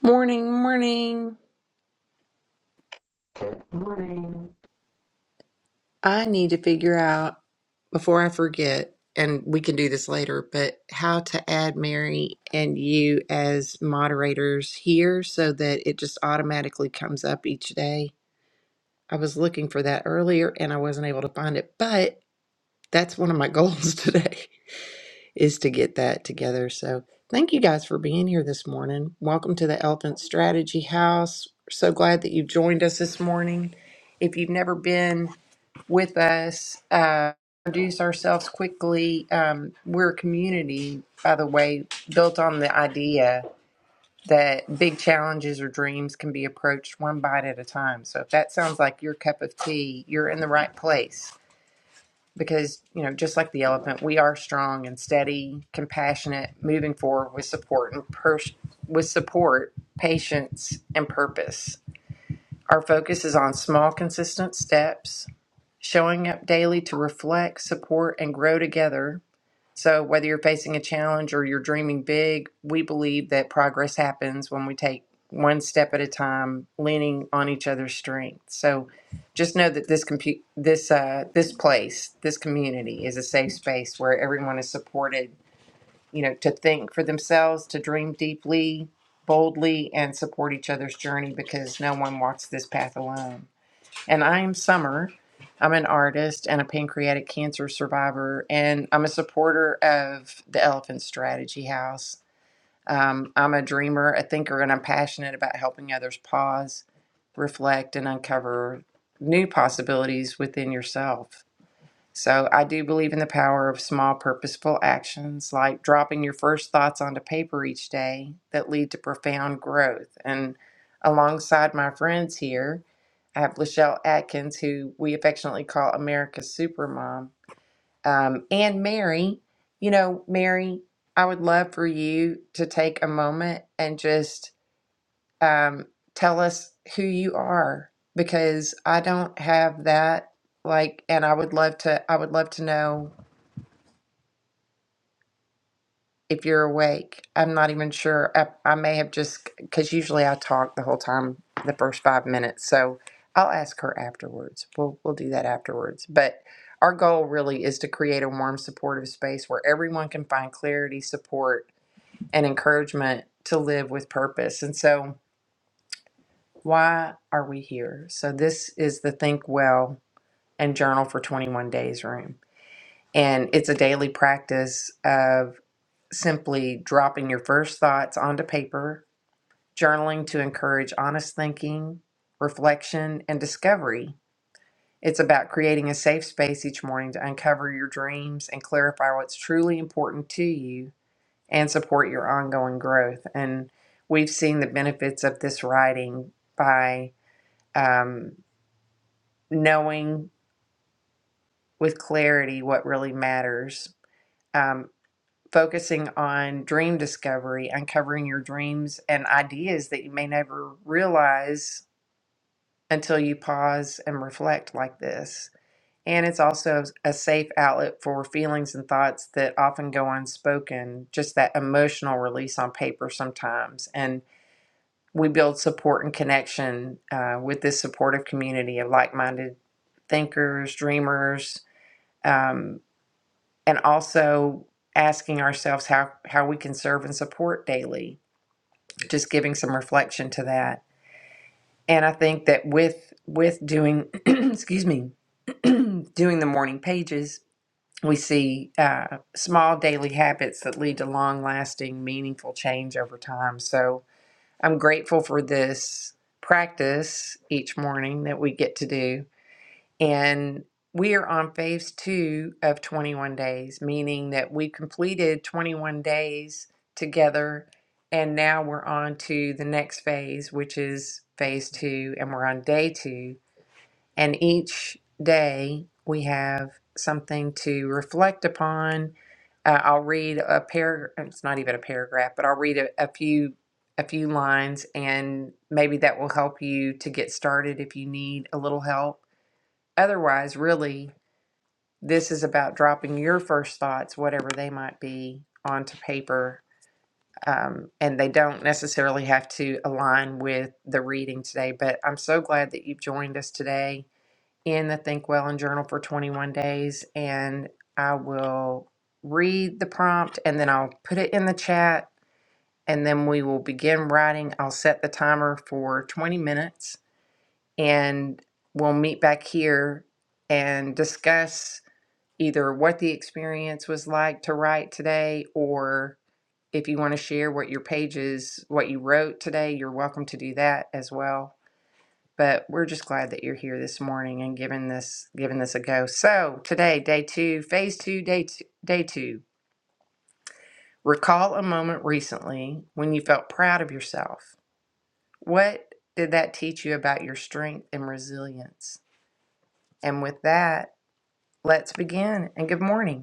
Morning, morning. I need to figure out before I forget, and we can do this later, but how to add Mary and you as moderators here so that it just automatically comes up each day. I was looking for that earlier and I wasn't able to find it, but that's one of my goals today is to get that together. So thank you guys for being here this morning. Welcome to the Elephant Strategy House. So glad that you've joined us this morning. If you've never been, with us. Uh, introduce ourselves quickly. Um, we're a community, by the way, built on the idea that big challenges or dreams can be approached one bite at a time. So if that sounds like your cup of tea, you're in the right place. Because, you know, just like the elephant, we are strong and steady, compassionate, moving forward with support and pers- with support, patience, and purpose. Our focus is on small, consistent steps, showing up daily to reflect, support, and grow together. So, whether you're facing a challenge or you're dreaming big, we believe that progress happens when we take one step at a time, leaning on each other's strength. So, just know that this compu- this uh, this place, this community, is a safe space where everyone is supported you know, to think for themselves, to dream deeply, boldly, and support each other's journey because no one walks this path alone. And I am Summer. I'm an artist and a pancreatic cancer survivor, and I'm a supporter of the Elephant Strategy House. Um, I'm a dreamer, a thinker, and I'm passionate about helping others pause, reflect, and uncover new possibilities within yourself. So I do believe in the power of small, purposeful actions like dropping your first thoughts onto paper each day that lead to profound growth. And alongside my friends here, I have Lachelle Atkins, who we affectionately call America's Supermom, um, and Mary. You know, Mary, I would love for you to take a moment and just um, tell us who you are because I don't have that. Like, and I would love to, I would love to know if you're awake. I'm not even sure. I, I may have just, because usually I talk the whole time, the first five minutes. So I'll ask her afterwards. We'll, we'll do that afterwards. But our goal really is to create a warm, supportive space where everyone can find clarity, support, and encouragement to live with purpose. And so, Why are we here? So, this is the Think Well and Journal for 21 Days room. And it's a daily practice of simply dropping your first thoughts onto paper, journaling to encourage honest thinking, reflection, and discovery. It's about creating a safe space each morning to uncover your dreams and clarify what's truly important to you and support your ongoing growth. And we've seen the benefits of this writing by. Um, knowing with clarity what really matters, um, focusing on dream discovery, uncovering your dreams and ideas that you may never realize until you pause and reflect like this. And it's also a safe outlet for feelings and thoughts that often go unspoken, just that emotional release on paper sometimes. And we build support and connection uh, with this supportive community of like minded thinkers, dreamers, um, and also asking ourselves how how we can serve and support daily just giving some reflection to that and i think that with with doing excuse me doing the morning pages we see uh, small daily habits that lead to long lasting meaningful change over time so i'm grateful for this practice each morning that we get to do and we are on phase two of 21 days, meaning that we completed 21 days together. And now we're on to the next phase, which is phase two. And we're on day two. And each day we have something to reflect upon. Uh, I'll read a paragraph. It's not even a paragraph, but I'll read a, a few a few lines, and maybe that will help you to get started if you need a little help Otherwise, really, this is about dropping your first thoughts, whatever they might be, onto paper. Um, and they don't necessarily have to align with the reading today. But I'm so glad that you've joined us today in the Think Well and Journal for 21 Days. And I will read the prompt and then I'll put it in the chat and then we will begin writing. I'll set the timer for 20 minutes and we'll meet back here and discuss either what the experience was like to write today or if you want to share what your pages, what you wrote today, you're welcome to do that as well. But we're just glad that you're here this morning and giving this giving this a go. So today, day two, phase two, day two, day two. Recall a moment recently when you felt proud of yourself. What did that teach you about your strength and resilience? And with that, let's begin. And good morning.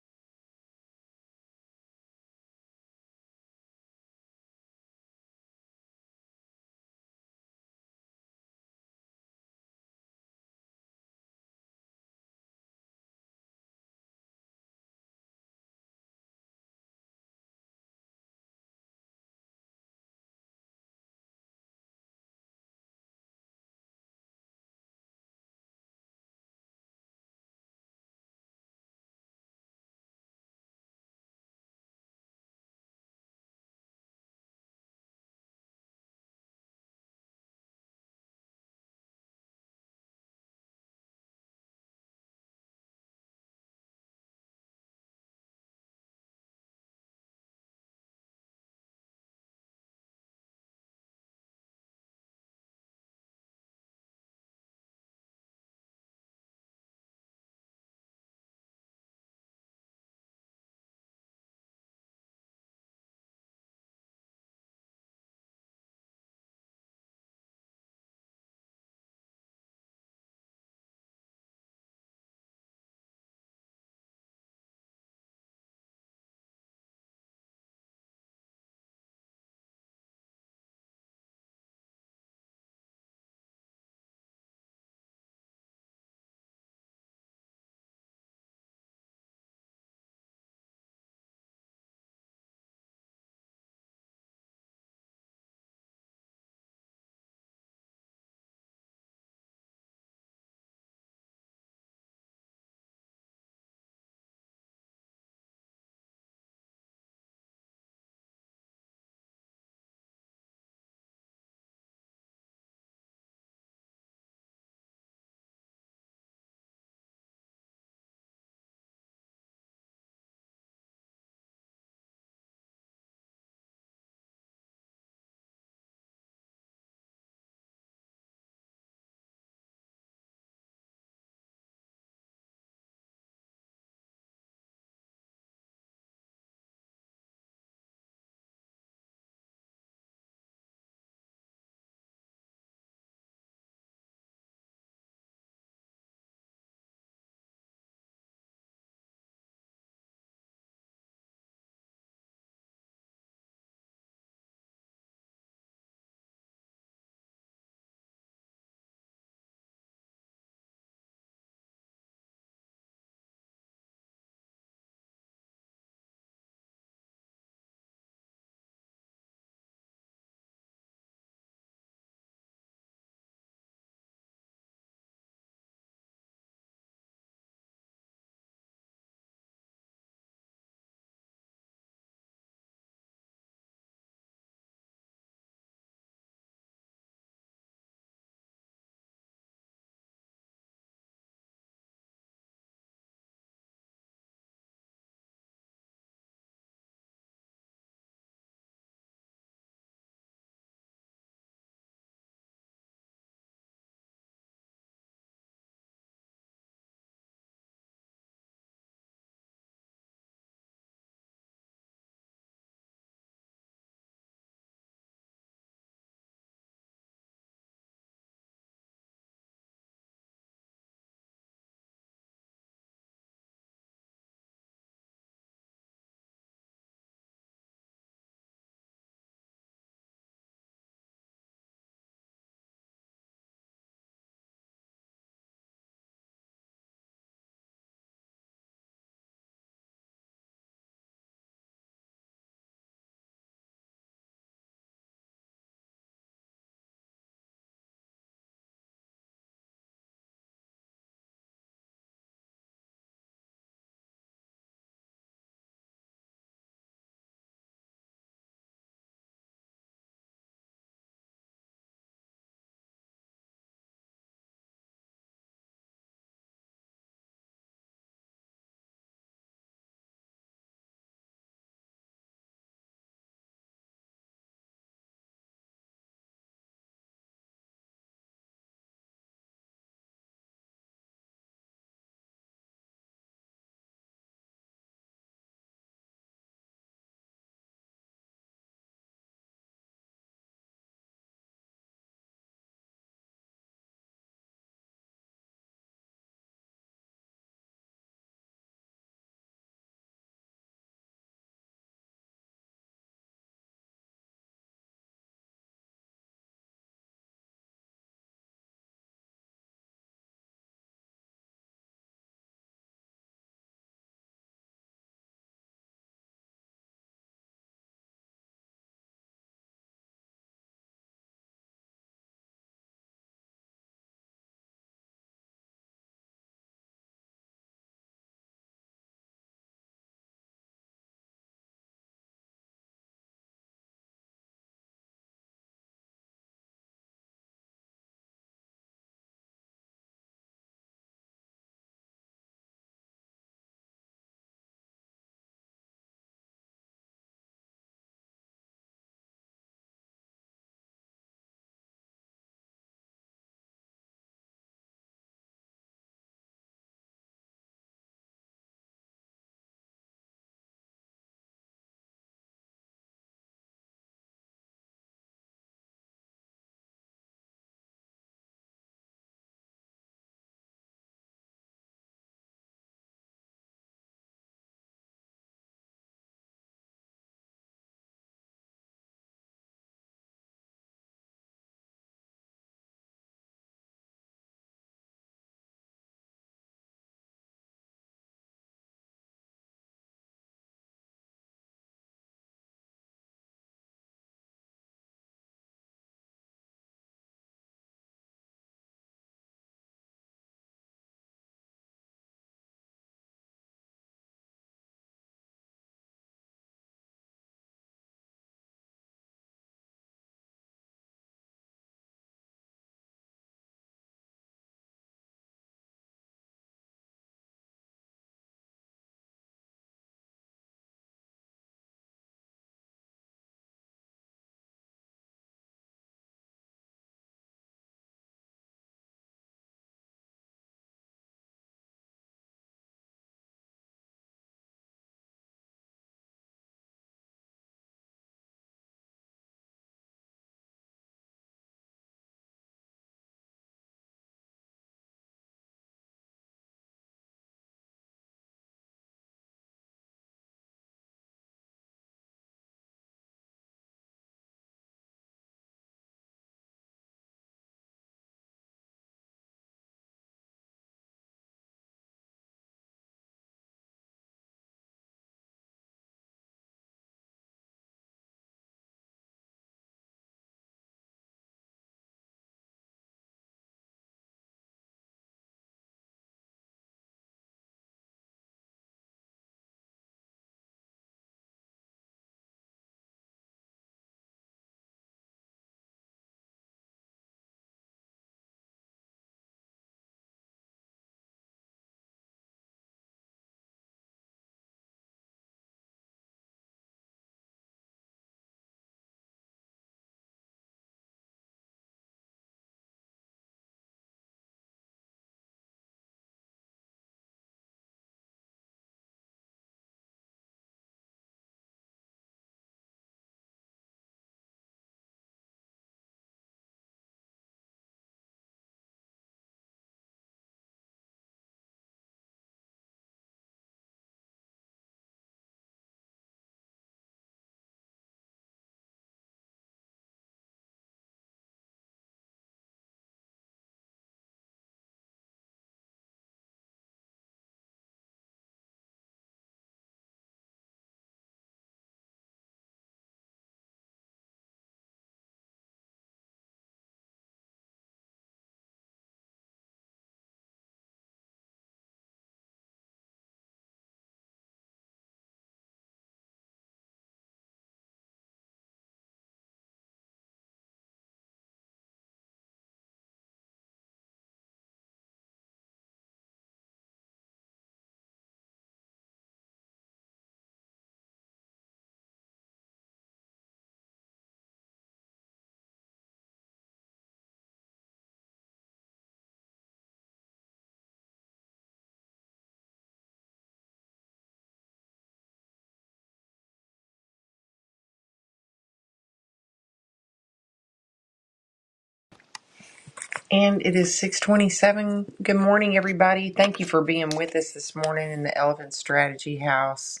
And it is 627. Good morning, everybody. Thank you for being with us this morning in the Elephant Strategy House.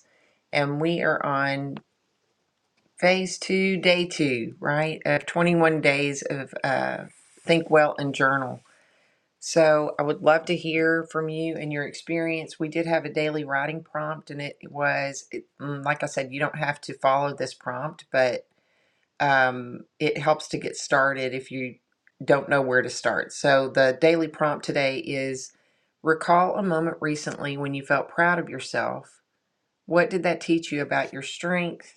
And we are on phase two, day two, right? Of 21 days of uh, Think Well and Journal. So I would love to hear from you and your experience. We did have a daily writing prompt, and it was, it, mm, like I said, you don't have to follow this prompt, but um, it helps to get started if you don't know where to start. So, the daily prompt today is recall a moment recently when you felt proud of yourself. What did that teach you about your strength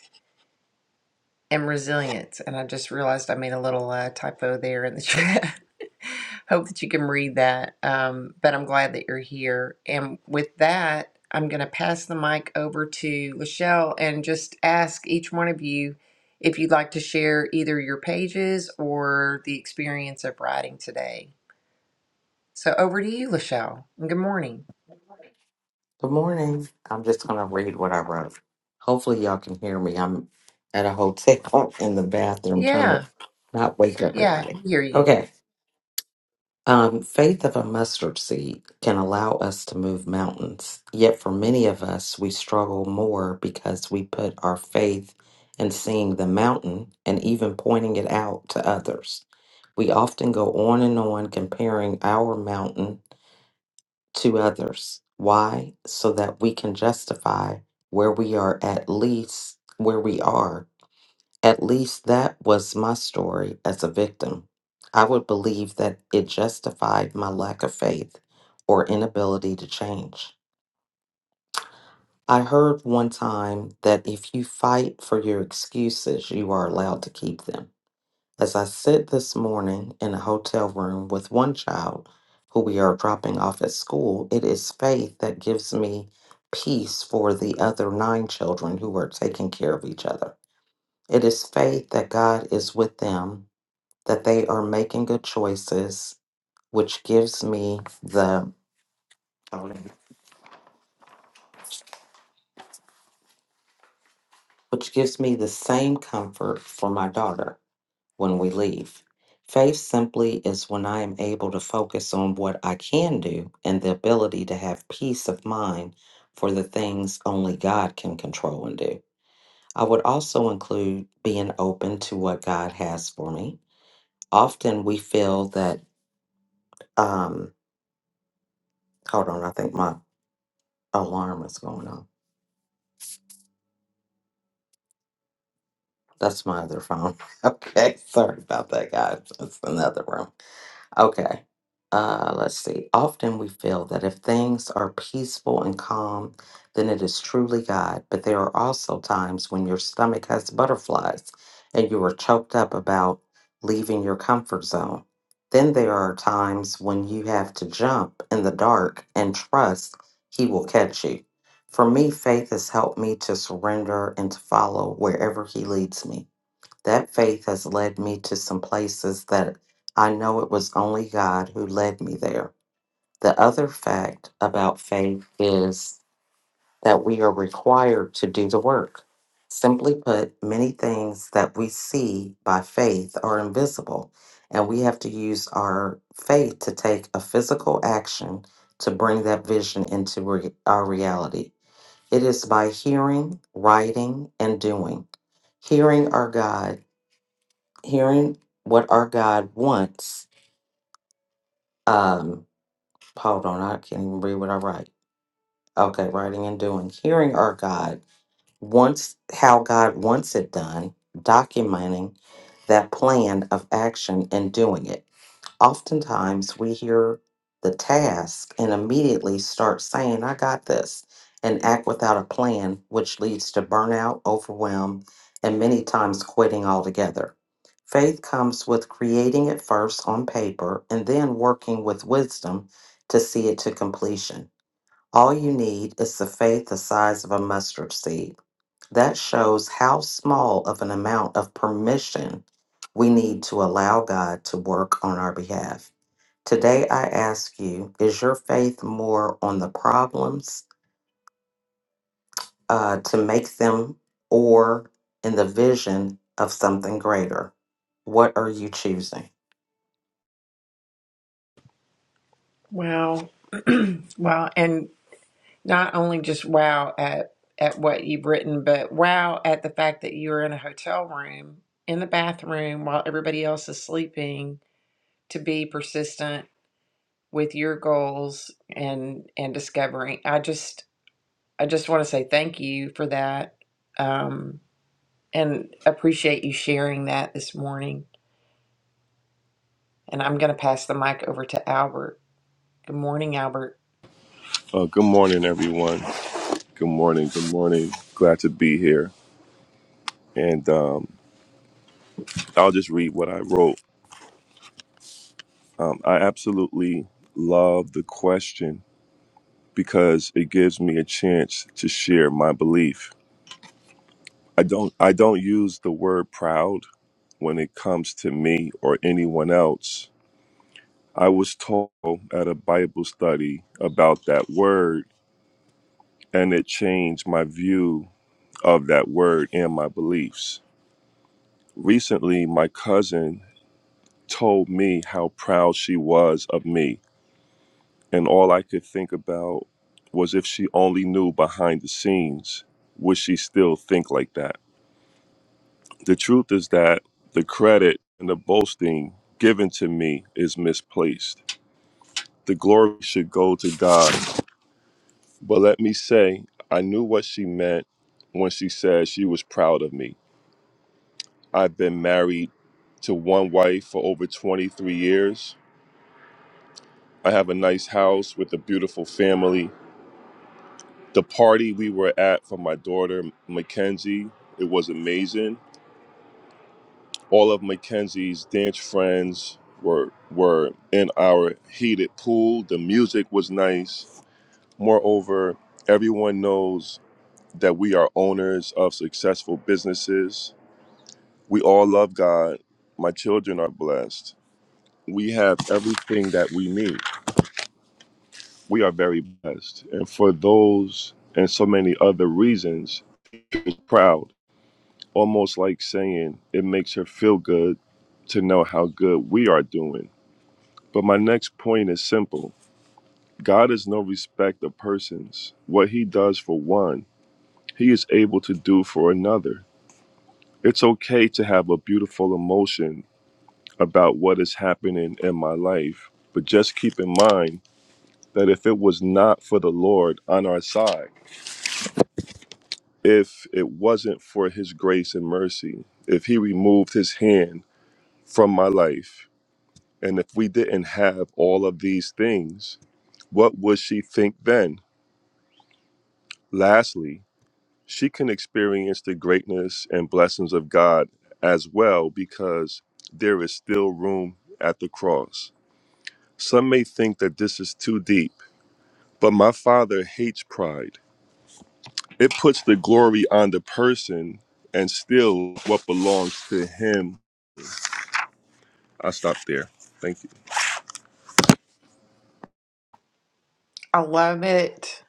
am resilient. And I just realized I made a little uh, typo there in the chat. Hope that you can read that. Um, but I'm glad that you're here. And with that, I'm going to pass the mic over to Lachelle and just ask each one of you if you'd like to share either your pages or the experience of writing today. So over to you, Lachelle. And good morning. Good morning. I'm just going to read what I wrote. Hopefully, y'all can hear me. I'm at a hotel in the bathroom trying to Yeah. not wake Yeah. I everybody. can hear you. Okay. Um, faith of a mustard seed can allow us to move mountains. Yet, for many of us, we struggle more because we put our faith in seeing the mountain and even pointing it out to others. We often go on and on comparing our mountain to others. Why? So that we can justify where we are, at least where we are. At least that was my story as a victim. I would believe that it justified my lack of faith or inability to change. I heard one time that if you fight for your excuses, you are allowed to keep them as I sit this morning in a hotel room with one child who we are dropping off at school, it is faith that gives me peace for the other nine children who are taking care of each other. It is faith that God is with them, that they are making good choices, which gives me the which gives me the same comfort for my daughter. when we leave. Faith simply is when I am able to focus on what I can do and the ability to have peace of mind for the things only God can control and do. I would also include being open to what God has for me. Often we feel that, um, hold on, I think my alarm is going on. That's my other phone. okay, sorry about that, guys. That's another room. Okay. Uh, let's see. Often we feel that if things are peaceful and calm, then it is truly God. But there are also times when your stomach has butterflies and you are choked up about leaving your comfort zone. Then there are times when you have to jump in the dark and trust He will catch you. For me, faith has helped me to surrender and to follow wherever He leads me. That faith has led me to some places that I know it was only God who led me there. The other fact about faith is that we are required to do the work. Simply put, many things that we see by faith are invisible, and we have to use our faith to take a physical action to bring that vision into re- our reality. It is by hearing, writing, and doing. Hearing our God hearing what our God wants. Um, hold on, I can't even read what I write. Okay, writing and doing. Hearing our God wants how God wants it done, documenting that plan of action and doing it. oftentimes we hear the task and immediately start saying, I got this, and act without a plan, which leads to burnout, overwhelm, and many times quitting altogether. Faith comes with creating it first on paper and then working with wisdom to see it to completion. All you need is the faith the size of a mustard seed. That shows how small of an amount of permission we need to allow God to work on our behalf. Today, I ask you, is your faith more on the problems uh, to make them or in the vision of something greater? What are you choosing? Wow. wow. And not only just wow at at what you've written, but wow at the fact that you're in a hotel room in the bathroom while everybody else is sleeping to be persistent with your goals and and discovering. I just I just want to say thank you for that um, and appreciate you sharing that this morning. And I'm going to pass the mic over to Albert. Good morning, Albert. Uh, good morning, everyone. Good morning. Good morning. Glad to be here. And um, I'll just read what I wrote. Um, I absolutely love the question because it gives me a chance to share my belief. I don't. I don't use the word proud when it comes to me or anyone else. I was told at a Bible study about that word, and it changed my view of that word and my beliefs recently my cousin told me how proud she was of me. And all I could think about was if she only knew behind the scenes, would she still think like that? The truth is that the credit and the boasting given to me is misplaced. The glory should go to God. But let me say, I knew what she meant when she said she was proud of me. I've been married to one wife for over 23 years. I have a nice house with a beautiful family the party we were at for my daughter Mackenzie, it was amazing. All of Mackenzie's dance friends were were in our heated pool. The music was nice. Moreover, everyone knows that we are owners of successful businesses. We all love God. My children are blessed. We have everything that we need. We are very blessed. And for those and so many other reasons, proud. almost like saying it makes her feel good to know how good we are doing. But my next point is simple God is no respect of persons. What he does for one, he is able to do for another. It's okay to have a beautiful emotion about what is happening in my life, but just keep in mind that if it was not for the Lord on our side, if it wasn't for his grace and mercy, if he removed his hand from my life, And if we didn't have all of these things, what would she think then? Lastly, she can experience the greatness and blessings of God as well because there is still room at the cross. Some may think that this is too deep, but my father hates pride. It puts the glory on the person and still what belongs to him. I stop there. Thank you. I love it.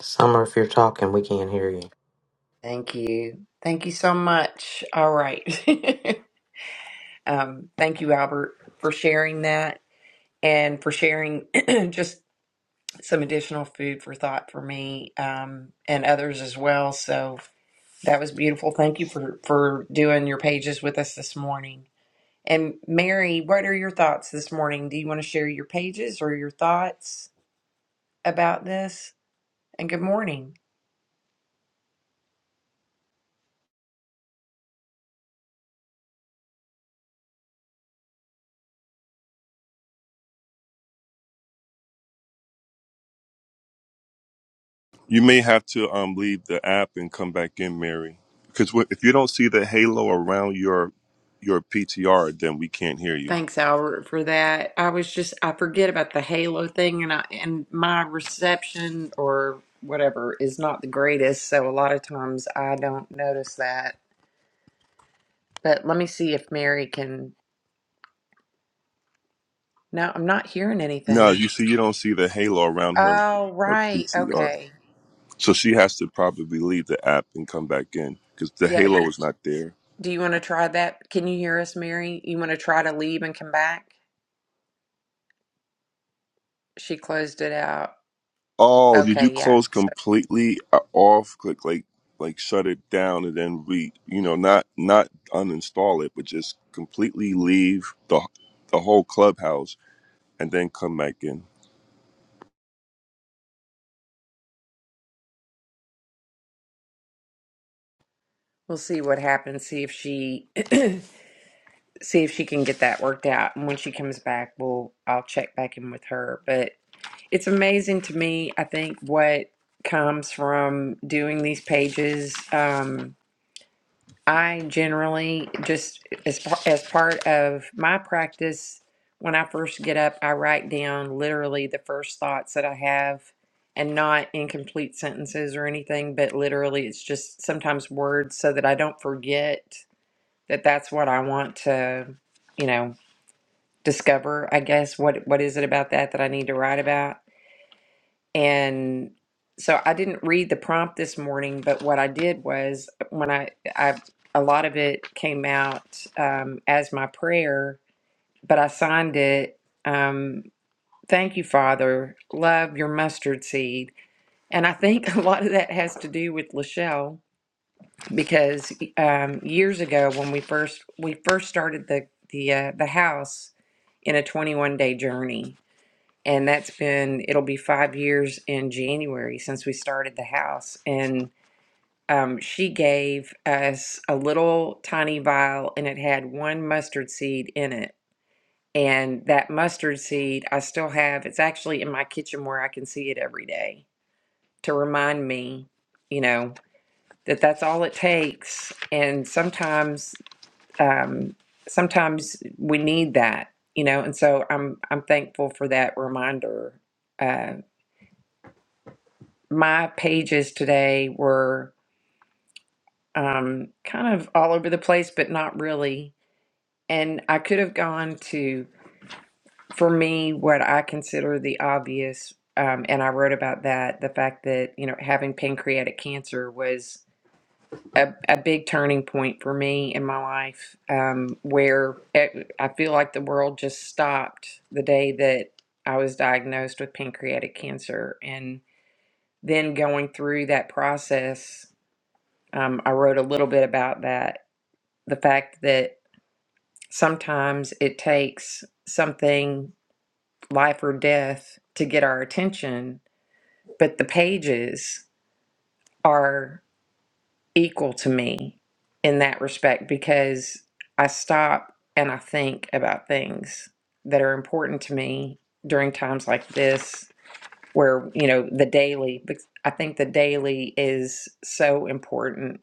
Summer, if you're talking, we can't hear you. Thank you. Thank you so much. All right. Um, thank you, Albert, for sharing that and for sharing just some additional food for thought for me um, and others as well. So that was beautiful. Thank you for for doing your pages with us this morning. And Mary, what are your thoughts this morning? Do you want to share your pages or your thoughts about this? And good morning. You may have to um, leave the app and come back in, Mary, because wh- if you don't see the halo around your your PTR, then we can't hear you. Thanks, Albert, for that. I was just I forget about the halo thing and I and my reception or whatever is not the greatest, so a lot of times I don't notice that. But let me see if Mary can No, I'm not hearing No, anything. you see, you don't see the halo around her Oh, her right. PTR, Okay. so she has to probably leave the app and come back in because the Yeah, halo do, is not there. do you want to try that? Can you hear us, Mary? You want to try to leave and come back? She closed it out. Oh, did you Okay, yeah. close So completely uh, off? Click like like shut it down and then re you know not not uninstall it, but just completely leave the the whole clubhouse and then come back in. we'll see what happens. See if she see if she can get that worked out. And when she comes back, we'll I'll check back in with her. But it's amazing to me. I think what comes from doing these pages. Um, I generally just as par- as part of my practice, when I first get up, I write down literally the first thoughts that I have. And not incomplete sentences or anything, but literally, it's just sometimes words so that I don't forget that that's what I want to, you know, discover, I guess, what what is it about that that I need to write about. And so I didn't read the prompt this morning, but what I did was when I I a lot of it came out um, as my prayer, but I signed it. Um, Thank you, Father. Love your mustard seed. And I think a lot of that has to do with Lachelle because um, years ago when we first we first started the the uh, the house in a 21 day journey and that's been it'll be five years in January since we started the house. And um, she gave us a little tiny vial, and it had one mustard seed in it. And that mustard seed I still have. It's actually in my kitchen where I can see it every day to remind me, you know, that that's all it takes. And sometimes, um, sometimes we need that, you know. And so I'm I'm thankful for that reminder uh, my pages today were um, kind of all over the place, but not really. And I could have gone to, for me, what I consider the obvious. Um, and I wrote about that the fact that, you know, having pancreatic cancer was a, a big turning point for me in my life um, where it, I feel like the world just stopped the day that I was diagnosed with pancreatic cancer. And then going through that process Um, I wrote a little bit about that. The fact that sometimes it takes something, life or death, to get our attention, but the pages are equal to me in that respect because I stop and I think about things that are important to me during times like this where you know the daily because i think the daily is so important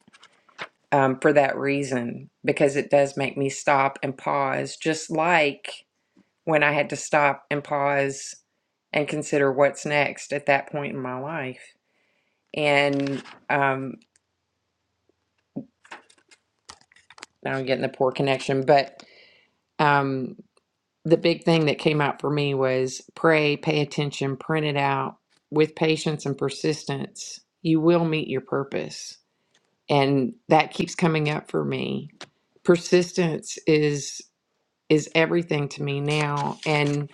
um, for that reason because it does make me stop and pause, just like when I had to stop and pause and consider what's next at that point in my life. And um, now I'm getting the poor connection, but um, the big thing that came out for me was pray, pay attention, print it out with patience and persistence. You will meet your purpose. And that keeps coming up for me. Persistence is is everything to me now. And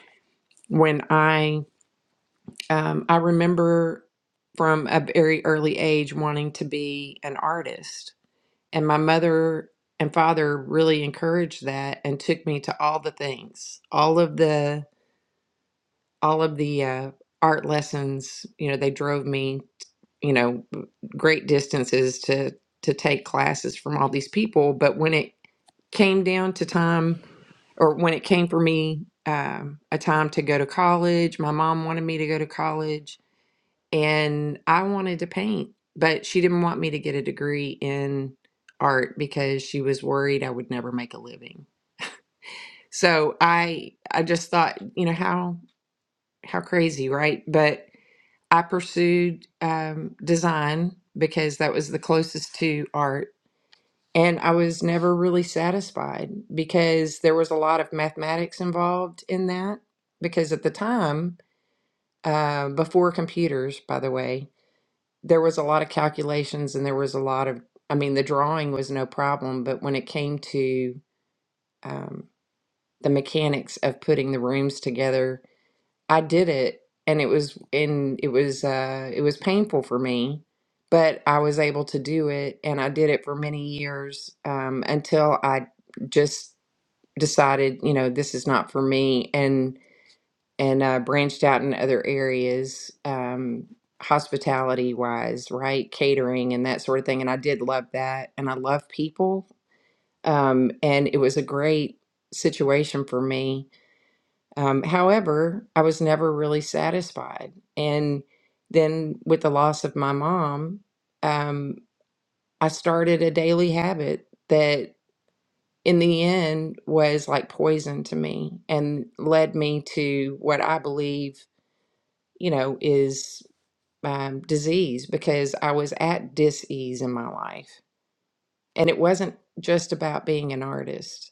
when I, um, I remember from a very early age wanting to be an artist, and my mother and father really encouraged that and took me to all the things, all of the, all of the uh, art lessons. You know, they drove me, you know, great distances to to take classes from all these people. But when it came down to time or when it came for me um, a time to go to college my mom wanted me to go to college and i wanted to paint but she didn't want me to get a degree in art because she was worried i would never make a living so i i just thought you know how how crazy right but i pursued um, design because that was the closest to art And I was never really satisfied because there was a lot of mathematics involved in that. Because at the time, uh, before computers, by the way, there was a lot of calculations and there was a lot of, I mean, the drawing was no problem, but when it came to um, the mechanics of putting the rooms together, I did it and it was and it was uh it was painful for me, but I was able to do it and I did it for many years um until I just decided, you know, this is not for me and and uh branched out in other areas um hospitality wise, right? Catering and that sort of thing and I did love that and I love people. Um and it was a great situation for me um, however, I was never really satisfied. And then with the loss of my mom, um, I started a daily habit that in the end was like poison to me and led me to what I believe, you know, is um, disease because I was at dis ease in my life. And it wasn't just about being an artist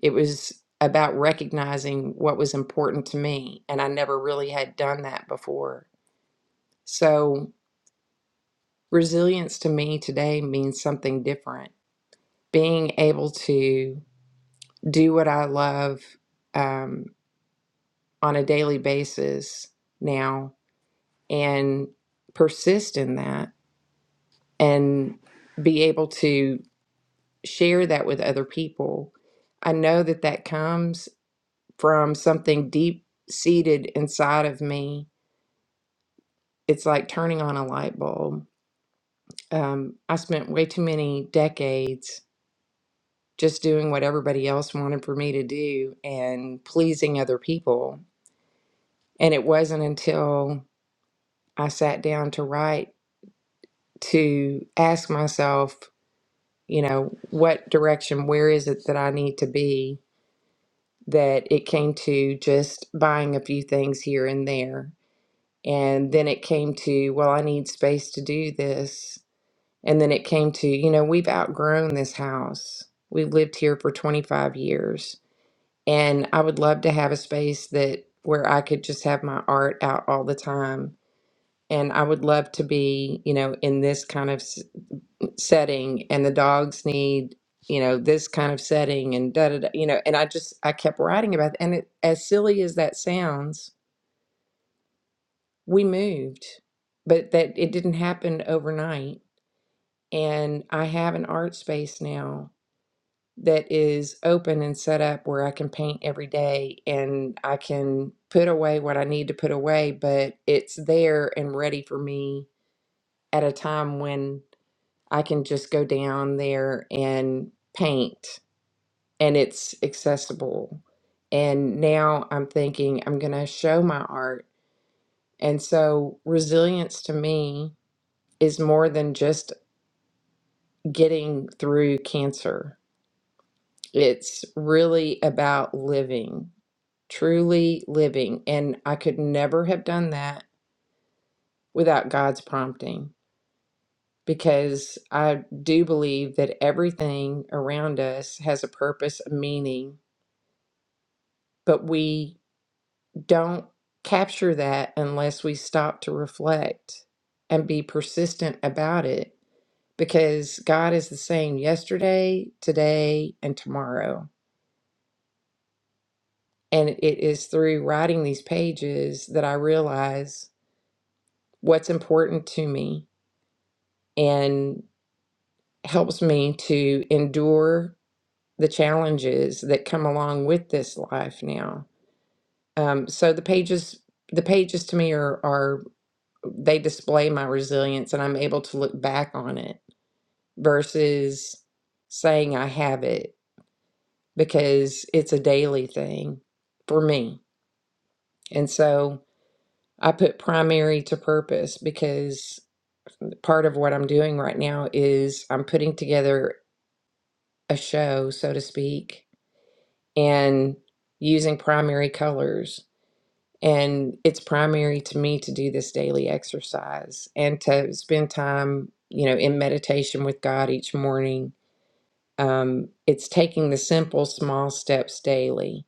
It was about recognizing what was important to me. And I never really had done that before. So, resilience to me today means something different. Being able to do what I love um, on a daily basis now and persist in that and be able to share that with other people. I know that that comes from something deep seated inside of me it's like turning on a light bulb. Um, I spent way too many decades just doing what everybody else wanted for me to do and pleasing other people. And it wasn't until I sat down to write to ask myself, you know, what direction, where is it that I need to be, that it came to just buying a few things here and there. And then it came to, well, I need space to do this And then it came to, you know, we've outgrown this house. We've lived here for 25 years. And I would love to have a space that where I could just have my art out all the time. And I would love to be, you know, in this kind of s- setting. And the dogs need, you know, this kind of setting and da da da, you know. And I just, I kept writing about it. And it, as silly as that sounds, we moved, but that it didn't happen overnight. And I have an art space now that is open and set up where I can paint every day and I can put away what I need to put away, but it's there and ready for me at a time when I can just go down there and paint and it's accessible. And now I'm thinking I'm going to show my art. And so resilience to me is more than just getting through cancer It's really about living, truly living. And I could never have done that without God's prompting because I do believe that everything around us has a purpose, a meaning, but we don't capture that unless we stop to reflect and be persistent about it because God is the same yesterday, today, and tomorrow. And it is through writing these pages that I realize what's important to me and helps me to endure the challenges that come along with this life now. Um, so the pages, the pages to me are, are they display my resilience and I'm able to look back on it versus saying I have it because it's a daily thing for me. And so I put primary to purpose because part of what I'm doing right now is I'm putting together a show, so to speak, and using primary colors. And it's primary to me to do this daily exercise and to spend time, you know, in meditation with God each morning. Um, it's taking the simple, small steps daily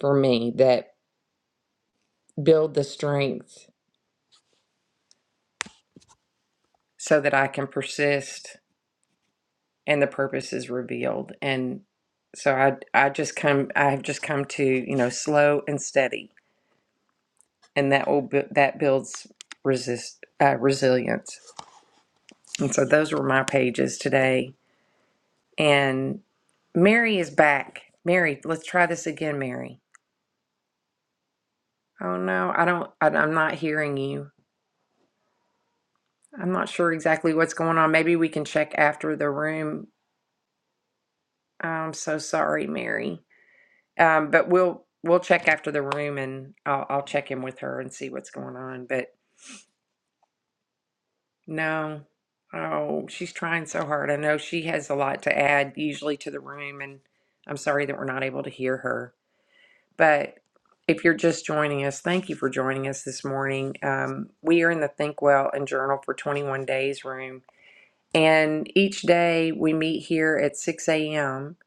for me that build the strength so that I can persist and the purpose is revealed and so i i just come i have just come to you know slow and steady and that will bu- that builds resist uh, resilience and so those were my pages today and mary is back mary let's try this again mary oh no i don't I, i'm not hearing you i'm not sure exactly what's going on maybe we can check after the room i'm so sorry mary Um, but we'll we'll check after the room, and I'll I'll check in with her and see what's going on. But no, oh, she's trying so hard. I know she has a lot to add usually to the room, and I'm sorry that we're not able to hear her. But if you're just joining us, thank you for joining us this morning. Um, we are in the Think Well and Journal for 21 Days room, and each day we meet here at 6 a.m.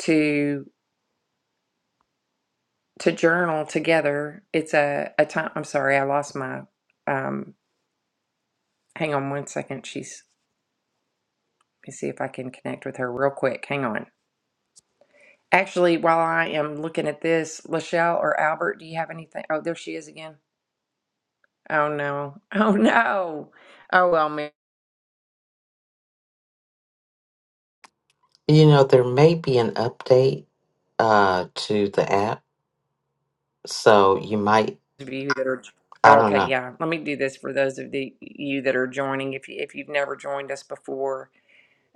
to to journal together. It's a, a time. I'm sorry, I lost my. Um, hang on one second. She's. Let me see if I can connect with her real quick. Hang on. Actually, while I am looking at this, Lachelle or Albert, do you have anything? Oh, there she is again. Oh no. Oh no. Oh well, maybe You know, there may be an update uh, to the app, so you might, those of you that are. I don't Okay, know. yeah. Let me do this for those of the you that are joining. If you if you've never joined us before,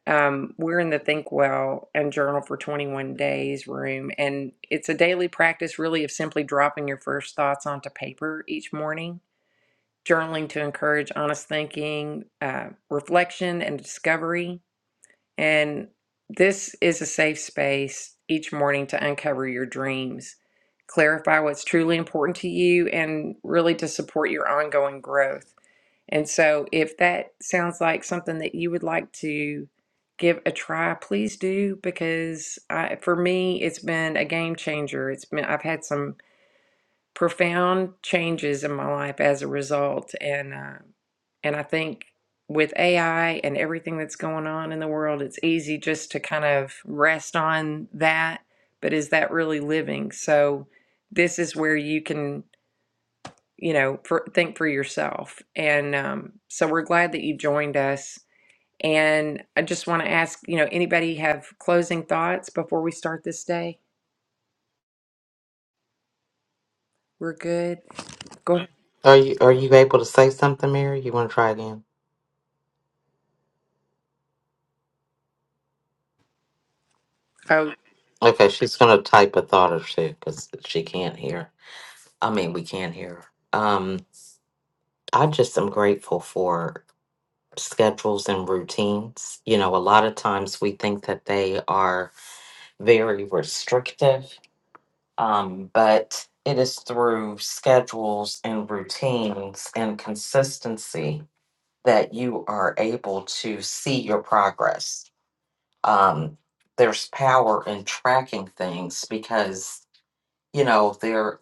Um, we're in the Think Well and Journal for 21 Days room, and it's a daily practice, really, of simply dropping your first thoughts onto paper each morning, journaling to encourage honest thinking, uh, reflection, and discovery. And this is a safe space each morning to uncover your dreams, clarify what's truly important to you, and really to support your ongoing growth. And so, if that sounds like something that you would like to give a try, please do because I, for me, it's been a game changer. It's been I've had some profound changes in my life as a result, and uh, and I think with AI and everything that's going on in the world, it's easy just to kind of rest on that. But is that really living? So, this is where you can you know, for, think for yourself. And um, so we're glad that you joined us. And I just want to ask, you know, anybody have closing thoughts before we start this day? We're good. Go ahead. Are you are you able to say something, Mary? You want to try again? Oh, Okay, she's gonna type a thought or two because she can't hear. I mean, we can't hear. her. Um, I just am grateful for schedules and routines. You know, a lot of times we think that they are very restrictive, um, but it is through schedules and routines and consistency that you are able to see your progress. Um, there's power in tracking things because, you know, there.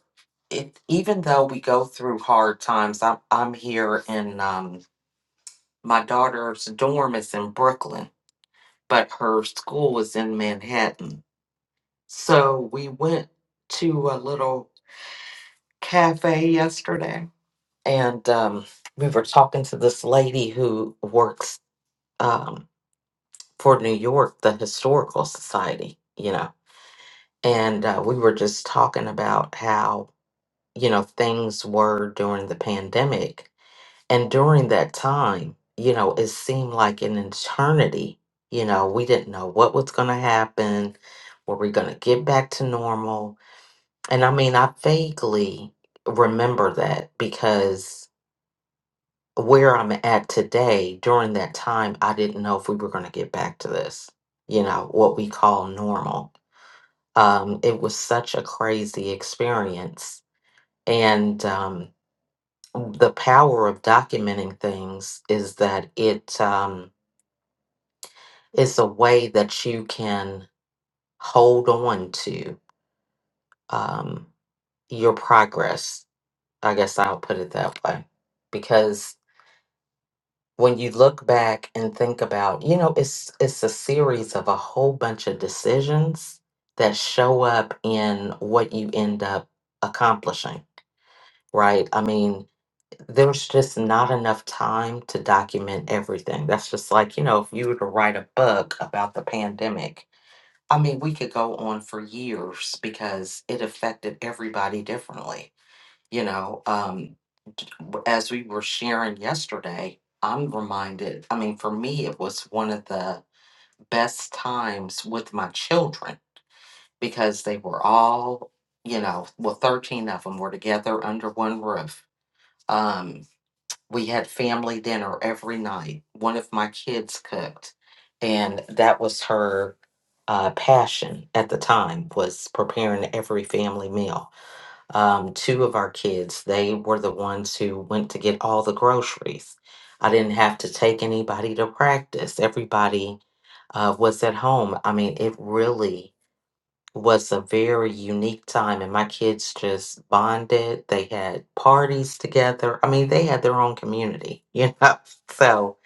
It, even though we go through hard times, I'm, I'm here in um, my daughter's dorm is in Brooklyn, but her school is in Manhattan. So we went to a little cafe yesterday and um, we were talking to this lady who works um, for New York, the Historical Society, you know, and uh, we were just talking about how, you know, things were during the pandemic And during that time, you know, it seemed like an eternity. You know, we didn't know what was going to happen. Were we going to get back to normal? And I mean, I vaguely remember that because where I'm at today, during that time, I didn't know if we were going to get back to this, you know, what we call normal. Um, it was such a crazy experience. And um, the power of documenting things is that it, um, it's a way that you can hold on to um, your progress. I guess I'll put it that way, because when you look back and think about, you know, it's it's a series of a whole bunch of decisions that show up in what you end up accomplishing, right? I mean, there's just not enough time to document everything. That's just like, you know, if you were to write a book about the pandemic, I mean, we could go on for years because it affected everybody differently. You know, um, d- w- as we were sharing yesterday, I'm reminded, I mean, for me, it was one of the best times with my children because they were all, you know, well, 13 of them were together under one roof. Um, we had family dinner every night. One of my kids cooked, and that was her uh, passion at the time was preparing every family meal. Um, two of our kids, they were the ones who went to get all the groceries. I didn't have to take anybody to practice. Everybody uh, was at home. I mean, it really was a very unique time and my kids just bonded they had parties together i mean they had their own community you know so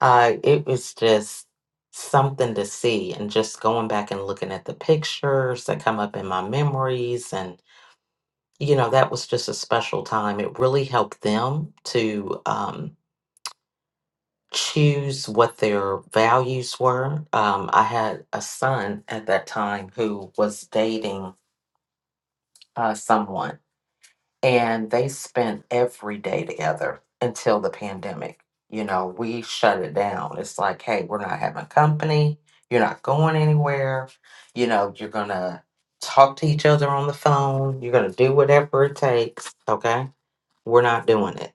uh, it was just something to see and just going back and looking at the pictures that come up in my memories and you know that was just a special time it really helped them to um, choose what their values were um, i had a son at that time who was dating uh, someone and they spent every day together until the pandemic. You know, we shut it down. It's like, hey, we're not having company. You're not going anywhere. You know, you're going to talk to each other on the phone. You're going to do whatever it takes. Okay. We're not doing it.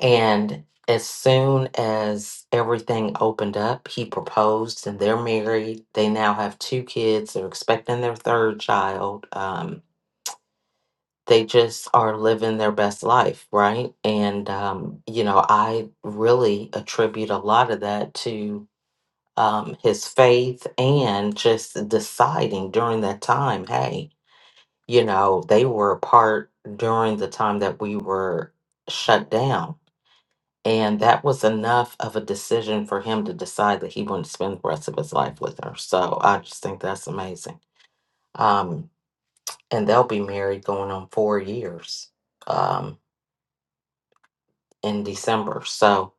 And as soon as everything opened up, he proposed and they're married. They now have two kids. They're expecting their third child. Um, they just are living their best life, right? And, um, you know, I really attribute a lot of that to um, his faith and just deciding during that time, hey, you know, they were apart during the time that we were shut down. And that was enough of a decision for him to decide that he wanted to spend the rest of his life with her. So I just think that's amazing. Um, and they'll be married going on four years. Um, in December. So,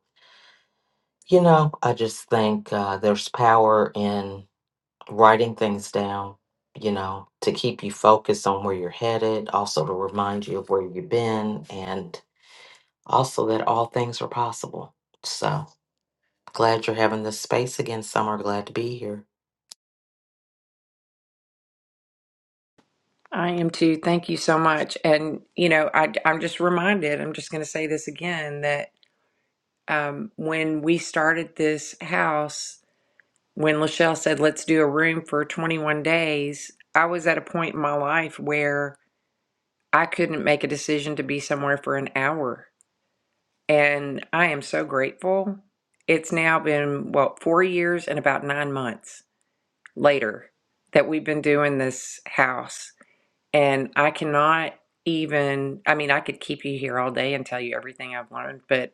you know, I just think uh, there's power in writing things down, you know, to keep you focused on where you're headed, also to remind you of where you've been, and also that all things are possible. So, glad you're having this space again, Summer. Glad to be here. I am too. Thank you so much. And you know, I, I'm just reminded. I'm just going to say this again that um, when we started this house, when Lachelle said, "Let's do a room for 21 days," I was at a point in my life where I couldn't make a decision to be somewhere for an hour and I am so grateful. It's now been, what, four years and about nine months later that we've been doing this house. And I cannot even, I mean, I could keep you here all day and tell you everything I've learned, but,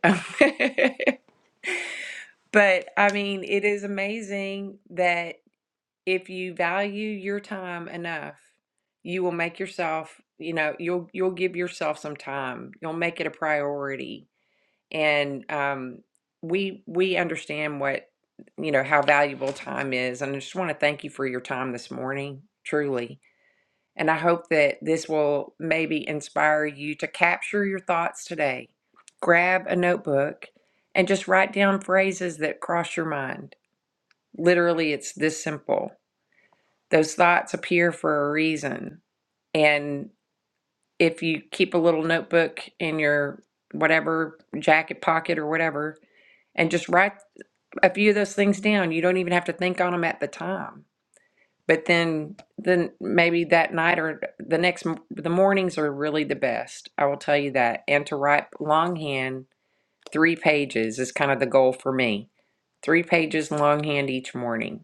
but I mean, it is amazing that if you value your time enough, you will make yourself, you know, you'll you'll give yourself some time. You'll make it a priority and um, we we understand what you know how valuable time is and i just want to thank you for your time this morning truly and i hope that this will maybe inspire you to capture your thoughts today grab a notebook and just write down phrases that cross your mind literally it's this simple those thoughts appear for a reason and if you keep a little notebook in your whatever jacket pocket or whatever and just write a few of those things down. You don't even have to think on them at the time. But then, then maybe that night or the next, m- the mornings are really the best. I will tell you that. And to write longhand, three pages is kind of the goal for me. Three pages longhand each morning.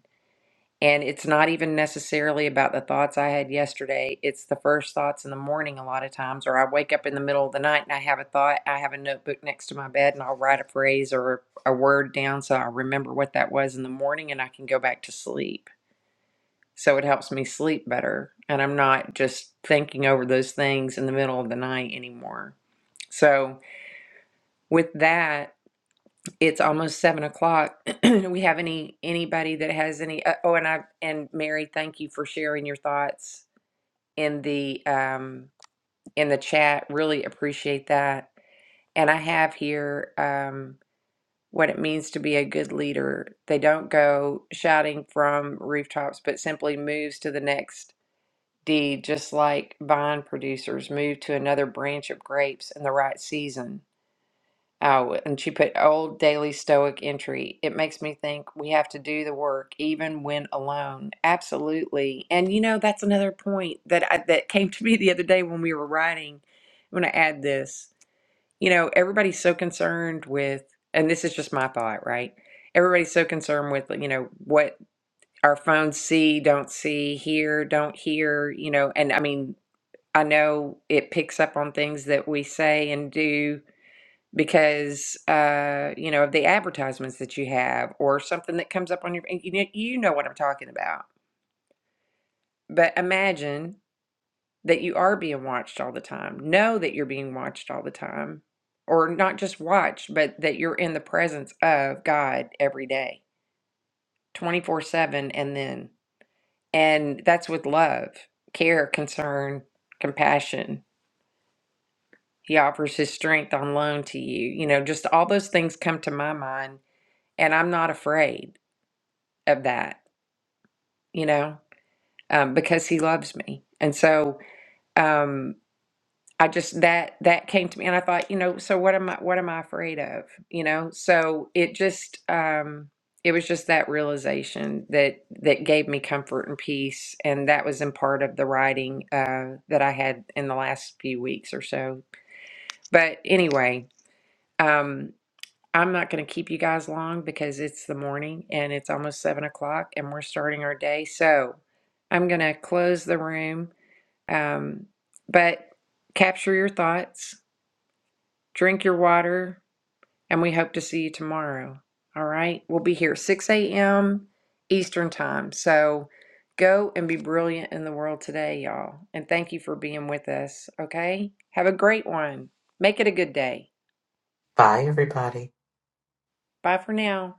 And it's not even necessarily about the thoughts I had yesterday. It's the first thoughts in the morning, a lot of times, or I wake up in the middle of the night and I have a thought. I have a notebook next to my bed and I'll write a phrase or a word down so I remember what that was in the morning and I can go back to sleep. So it helps me sleep better. And I'm not just thinking over those things in the middle of the night anymore. So, with that, it's almost seven o'clock. Do we have any anybody that has any? Uh, oh, and I and Mary, thank you for sharing your thoughts in the um, in the chat. Really appreciate that. And I have here um, what it means to be a good leader. They don't go shouting from rooftops, but simply moves to the next deed, just like vine producers move to another branch of grapes in the right season. Oh, and she put old daily stoic entry. It makes me think we have to do the work even when alone. Absolutely. And you know, that's another point that I, that came to me the other day when we were writing. I'm going to add this. You know, everybody's so concerned with, and this is just my thought, right? Everybody's so concerned with, you know, what our phones see, don't see, hear, don't hear, you know, and I mean, I know it picks up on things that we say and do because uh, you know of the advertisements that you have or something that comes up on your you know, you know what I'm talking about. But imagine that you are being watched all the time. Know that you're being watched all the time or not just watched, but that you're in the presence of God every day, 24/7 and then and that's with love, care, concern, compassion. He offers his strength on loan to you. You know, just all those things come to my mind and I'm not afraid of that, you know, um, because he loves me. And so um, I just that that came to me, and I thought, you know, so what am I? What am I afraid of? You know, so it just um, it was just that realization that that gave me comfort and peace, and that was in part of the writing uh, that I had in the last few weeks or so. But anyway. Um, I'm not going to keep you guys long because it's the morning and it's almost seven o'clock and we're starting our day. So I'm going to close the room. Um, but capture your thoughts, drink your water, and we hope to see you tomorrow. All right. We'll be here 6 a.m. Eastern time. So go and be brilliant in the world today, y'all. And thank you for being with us. Okay. Have a great one. Make it a good day. Bye, everybody. Bye for now.